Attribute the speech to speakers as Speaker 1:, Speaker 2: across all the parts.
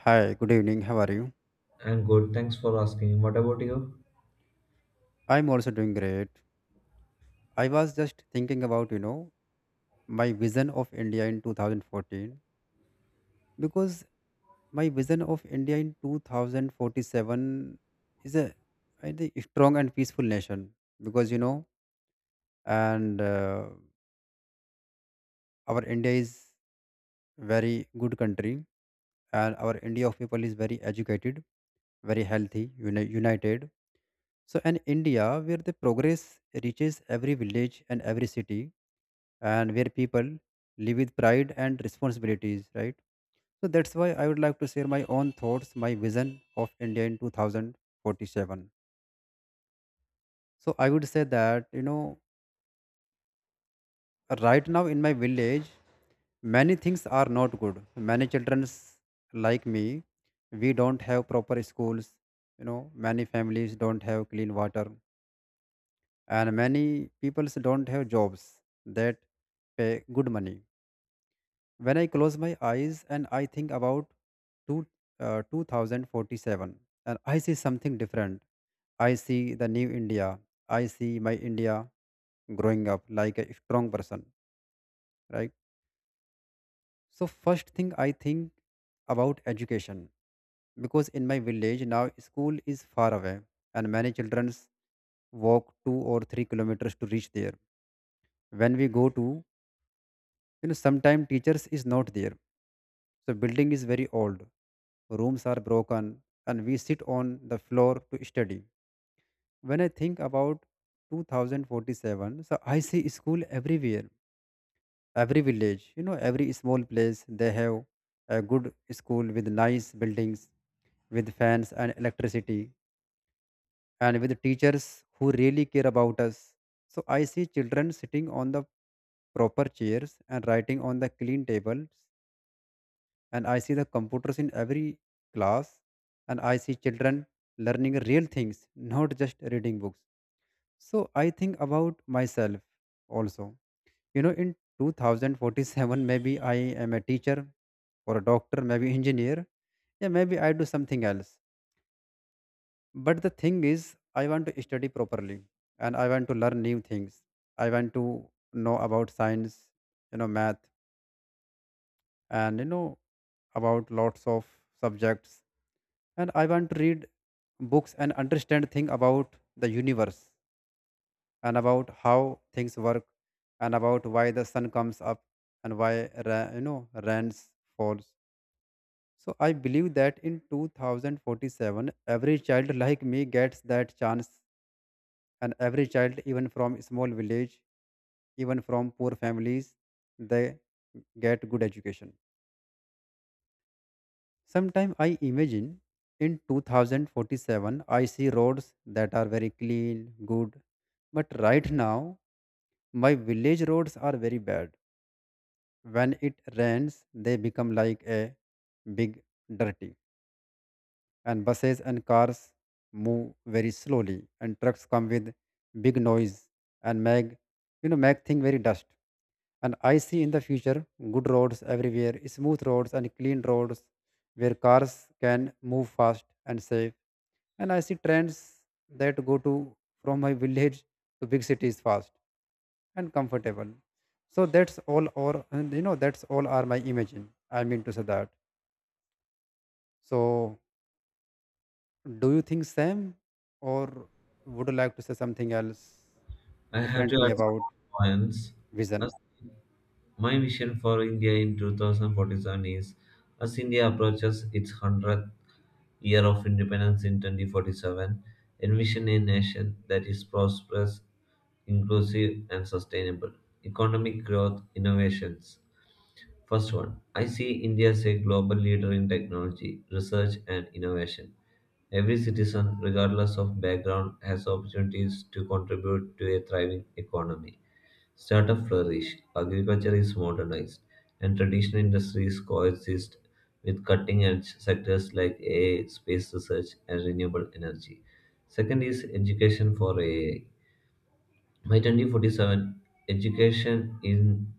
Speaker 1: Hi, good evening. How are you?
Speaker 2: I'm good. Thanks for asking. What about you?
Speaker 1: I'm also doing great. I was just thinking about, you know, my vision of India in 2014, because my vision of India in 2047 is a, I think, strong and peaceful nation. Because you know and Our India is very good country, and our India of people is very educated, very healthy, united. So an India where the progress reaches every village and every city, and where people live with pride and responsibilities, right? So that's why I would like to share my own thoughts, my vision of India in 2047. So I would say that, right now in my village, many things are not good. Many children like me, we don't have proper schools, many families don't have clean water, and many people don't have jobs that pay good money. When I close my eyes and I think about two, 2047, and I see something different. I see the new India. I see my India growing up like a strong person, right? So, first thing I think about education, because in my village now school is far away, and many children walk 2 or 3 kilometers to reach there. When we go to, sometime teachers is not there. So building is very old. Rooms are broken, and we sit on the floor to study. When I think about 2047, so I see school everywhere, every village, every small place. They have a good school with nice buildings, with fans and electricity, and with teachers who really care about us. So I see children sitting on the proper chairs and writing on the clean tables, and I see the computers in every class, and I see children learning real things, not just reading books. So I think about myself also, in 2047 maybe I am a teacher or a doctor, maybe engineer. Yeah, maybe I do something else, but the thing is I want to study properly, and I want to learn new things. I want to know about science, math, and about lots of subjects, and I want to read books and understand things about the universe, and about how things work, and about why the sun comes up, and why ra- you know rains falls. So I believe that in 2047 every child like me gets that chance, and every child, even from small village, even from poor families, they get good education. Sometimes I imagine in 2047 I see roads that are very clean, good, but right now my village roads are very bad. When it rains, they become like a big dirty, and buses and cars move very slowly, and trucks come with big noise and make, make thing very dust. And I see in the future good roads everywhere, smooth roads and clean roads where cars can move fast and safe, and I see trends that go to from my village to big cities fast and comfortable. So that's all or and you know that's all are my imagine. I mean to say that. So, do you think same, or would you like to say something else
Speaker 2: I have to
Speaker 1: differently
Speaker 2: add some
Speaker 1: about
Speaker 2: more points. As
Speaker 1: vision?
Speaker 2: My vision for India in 2047 is as India approaches its 100th year of independence in 2047. Envision a nation that is prosperous, inclusive, and sustainable. Economic growth, innovations. First one, I see India as a global leader in technology, research, and innovation. Every citizen, regardless of background, has opportunities to contribute to a thriving economy. Startup flourish, agriculture is modernized, and traditional industries coexist with cutting edge sectors like AI, space research, and renewable energy. Second is education for AI. By 2047, education in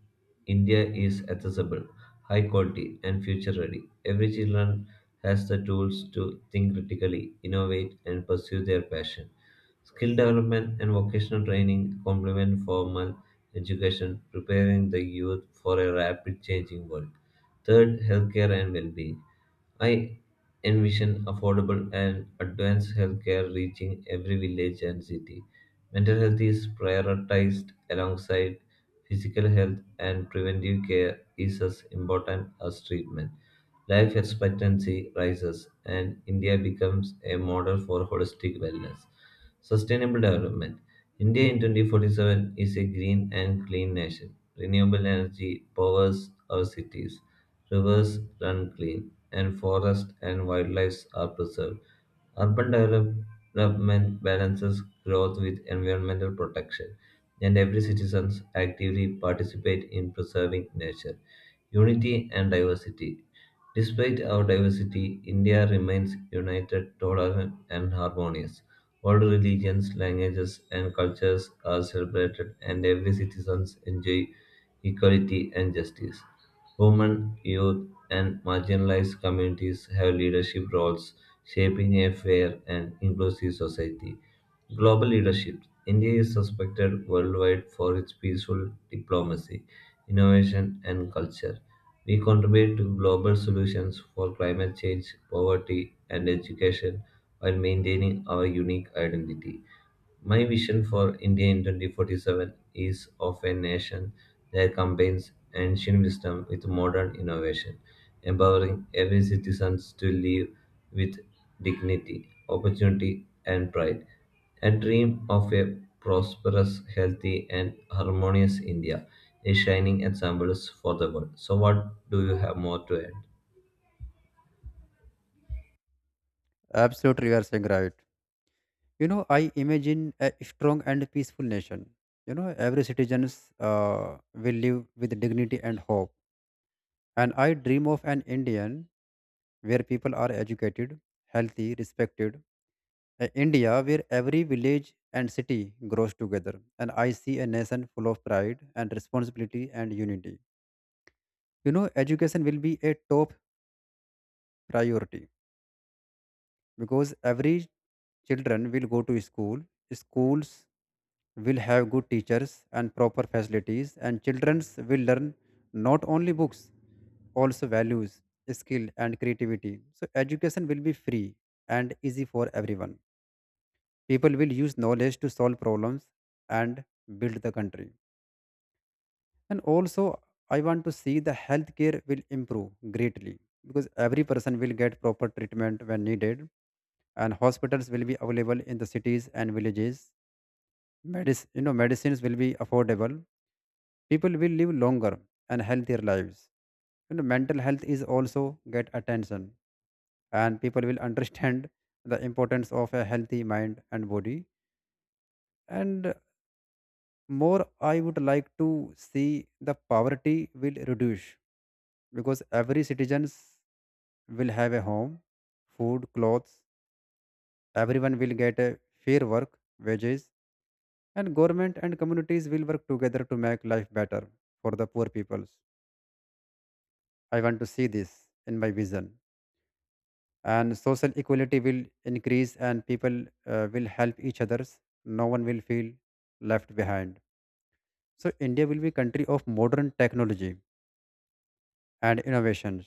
Speaker 2: India is accessible, high quality, and future ready. Every child has the tools to think critically, innovate, and pursue their passion. Skill development and vocational training complement formal education, preparing the youth for a rapid changing world. Third, healthcare and well being. I envision affordable and advanced healthcare reaching every village and city. Mental health is prioritized alongside physical health, and preventive care is as important as treatment. Life expectancy rises, and India becomes a model for holistic wellness. Sustainable development. India in 2047 is a green and clean nation. Renewable energy powers our cities, rivers run clean, and forests and wildlife are preserved. Urban development balances growth with environmental protection, and every citizen actively participate in preserving nature. Unity and diversity. Despite our diversity, India remains united, tolerant, and harmonious. All religions, languages, and cultures are celebrated, and every citizen enjoys equality and justice. Women, youth, and marginalized communities have leadership roles, shaping a fair and inclusive society. Global leadership. India is suspected worldwide for its peaceful diplomacy, innovation, and culture. We contribute to global solutions for climate change, poverty, and education while maintaining our unique identity. My vision for India in 2047 is of a nation that combines ancient wisdom with modern innovation, empowering every citizen to live with dignity, opportunity, and pride. A dream of a prosperous, healthy, and harmonious India is shining examples for the world. So, what do you have more to add?
Speaker 1: Absolutely, you are saying right. You know, I imagine a strong and peaceful nation. You know, every citizens will live with dignity and hope. And I dream of an Indian where people are educated, healthy, respected. A India where every village and city grows together. And I see a nation full of pride and responsibility and unity. You know, education will be a top priority, because every children will go to school. Schools will have good teachers and proper facilities, and children will learn not only books, also values, skill and creativity. So education will be free and easy for everyone. People will use knowledge to solve problems and build the country. And also, I want to see the healthcare will improve greatly, because every person will get proper treatment when needed, and hospitals will be available in the cities and villages. Medicines will be affordable. People will live longer and healthier lives. You know, mental health is also get attention, and people will understand the importance of a healthy mind and body. And more, I would like to see the poverty will reduce, because every citizens will have a home, food, clothes. Everyone will get a fair work wages, and government and communities will work together to make life better for the poor peoples. I want to see this in my vision. And social equality will increase, and people will help each others. No one will feel left behind. So India will be country of modern technology and innovations.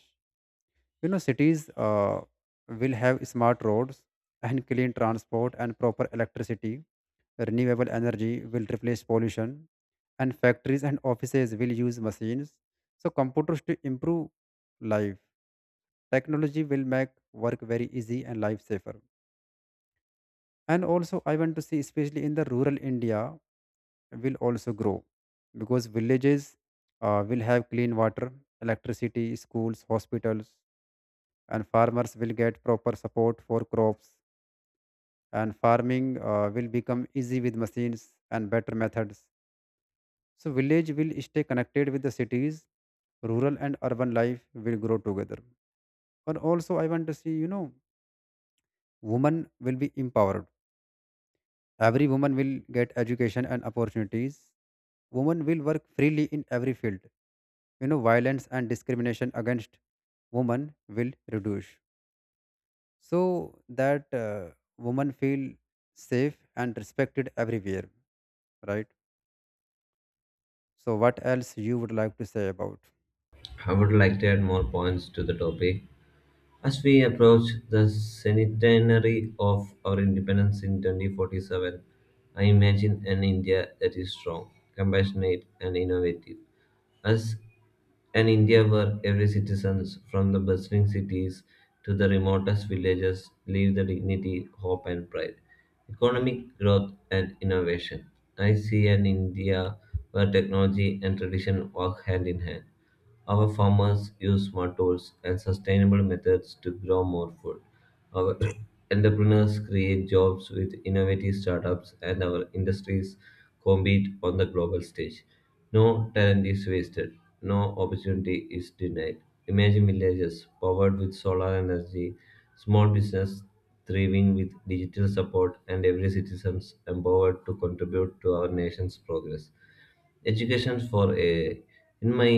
Speaker 1: You know, cities will have smart roads and clean transport and proper electricity. Renewable energy will replace pollution, and factories and offices will use machines. So, computers to improve life. Technology will make work very easy and life safer. And also, I want to see, especially in the rural India, will also grow, because villages will have clean water, electricity, schools, hospitals, and farmers will get proper support for crops, and farming will become easy with machines and better methods. So village will stay connected with the cities. Rural and urban life will grow together. And also, I want to see, women will be empowered. Every woman will get education and opportunities. Women will work freely in every field. You know, violence and discrimination against women will reduce, so that women feel safe and respected everywhere, right? So what else you would like to say about?
Speaker 2: I would like to add more points to the topic. As we approach the centenary of our independence in 2047, I imagine an India that is strong, compassionate, and innovative. Us And India were every citizens, from the bustling cities to the remotest villages, live the dignity, hope, and pride. Economic growth and innovation. I see an India where technology and tradition work hand in hand. Our farmers use smart tools and sustainable methods to grow more food. Our entrepreneurs create jobs with innovative startups, and our industries compete on the global stage. No talent is wasted, no opportunity is denied. Imagine villages powered with solar energy, small business thriving with digital support, and every citizen empowered to contribute to our nation's progress. Education for a in my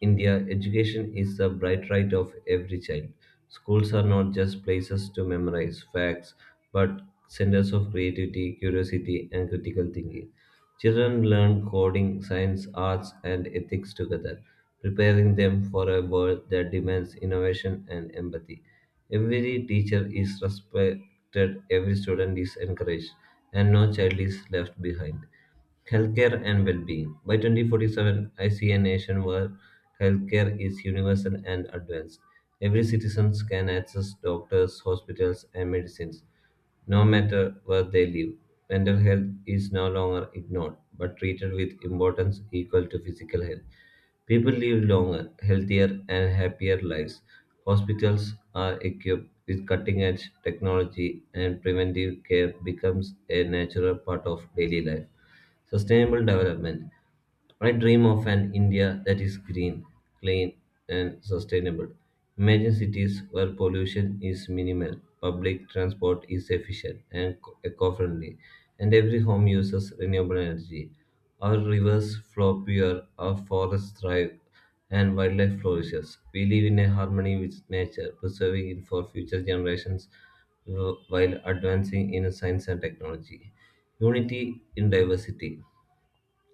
Speaker 2: India, education is the bright right of every child. Schools are not just places to memorize facts, but centers of creativity, curiosity, and critical thinking. Children learn coding, science, arts, and ethics together, preparing them for a world that demands innovation and empathy. Every teacher is respected, every student is encouraged, and no child is left behind. Healthcare and well-being. By 2047, I see a nation where healthcare is universal and advanced. Every citizen can access doctors, hospitals, and medicines, no matter where they live. Mental health is no longer ignored, but treated with importance equal to physical health. People live longer, healthier, and happier lives. Hospitals are equipped with cutting edge technology, and preventive care becomes a natural part of daily life. Sustainable development. I dream of an India that is green, clean, and sustainable. Imagine cities where pollution is minimal, public transport is efficient and eco friendly, and every home uses renewable energy. Our rivers flow pure, our forests thrive, and wildlife flourishes. We live in a harmony with nature, preserving it for future generations while advancing in science and technology. Unity in diversity.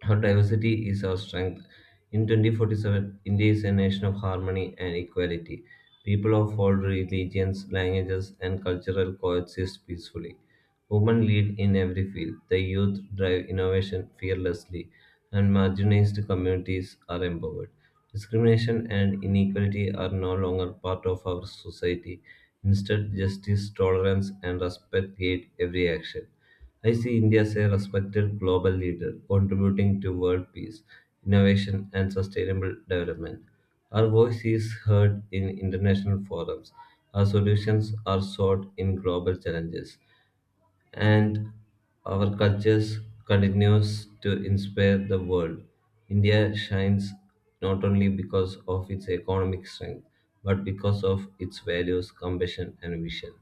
Speaker 2: Our diversity is our strength. In 2047, India is a nation of harmony and equality. People of all religions, languages, and cultural coexist peacefully. Women lead in every field. The youth drive innovation fearlessly, and marginalized communities are empowered. Discrimination and inequality are no longer part of our society. Instead, justice, tolerance, and respect guide every action. I see India as a respected global leader, contributing to world peace, innovation, and sustainable development. Our voice is heard in international forums, our solutions are sought in global challenges, and our cultures continues to inspire the world. India shines not only because of its economic strength, but because of its values, compassion, and vision.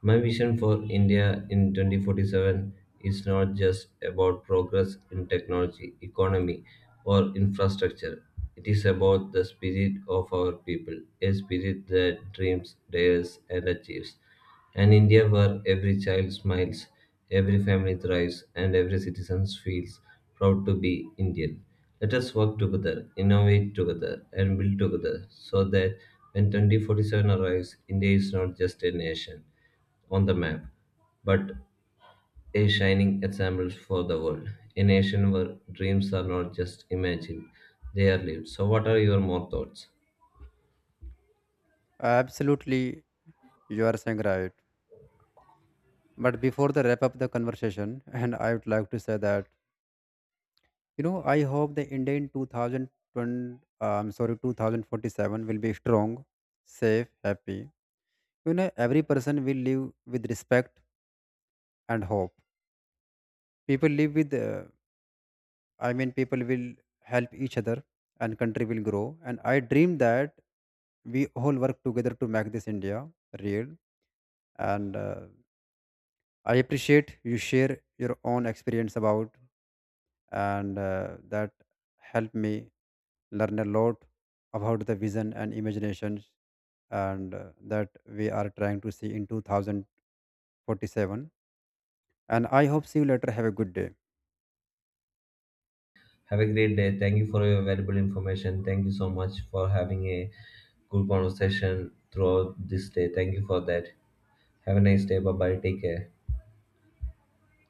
Speaker 2: My vision for India in 2047 is not just about progress in technology, economy, or infrastructure. It is about the spirit of our people, a spirit that dreams, dares, and achieves. An India where every child smiles, every family thrives, and every citizen feels proud to be Indian. Let us work together, innovate together, and build together so that when 2047 arrives, India is not just a nation on the map, but a shining example for the world. A nation where dreams are not just imagined, they are lived. So, what are your more thoughts?
Speaker 1: Absolutely, you are saying right, but before the wrap up the conversation and I would like to say that, you know, I hope the India in 2020, I'm sorry, 2047 will be strong, safe, happy. You know, every person will live with respect and hope. People live with people will help each other, and country will grow. And I dream that we all work together to make this India real. And I appreciate you share your own experience about. And That helped me learn a lot about the vision and imaginations, and that we are trying to see in 2047. And I hope see you later. Have a good day.
Speaker 2: Have a great day. Thank you for your valuable information. Thank you so much for having a good conversation throughout this day. Thank you for that. Have a nice day. Bye bye. Take care.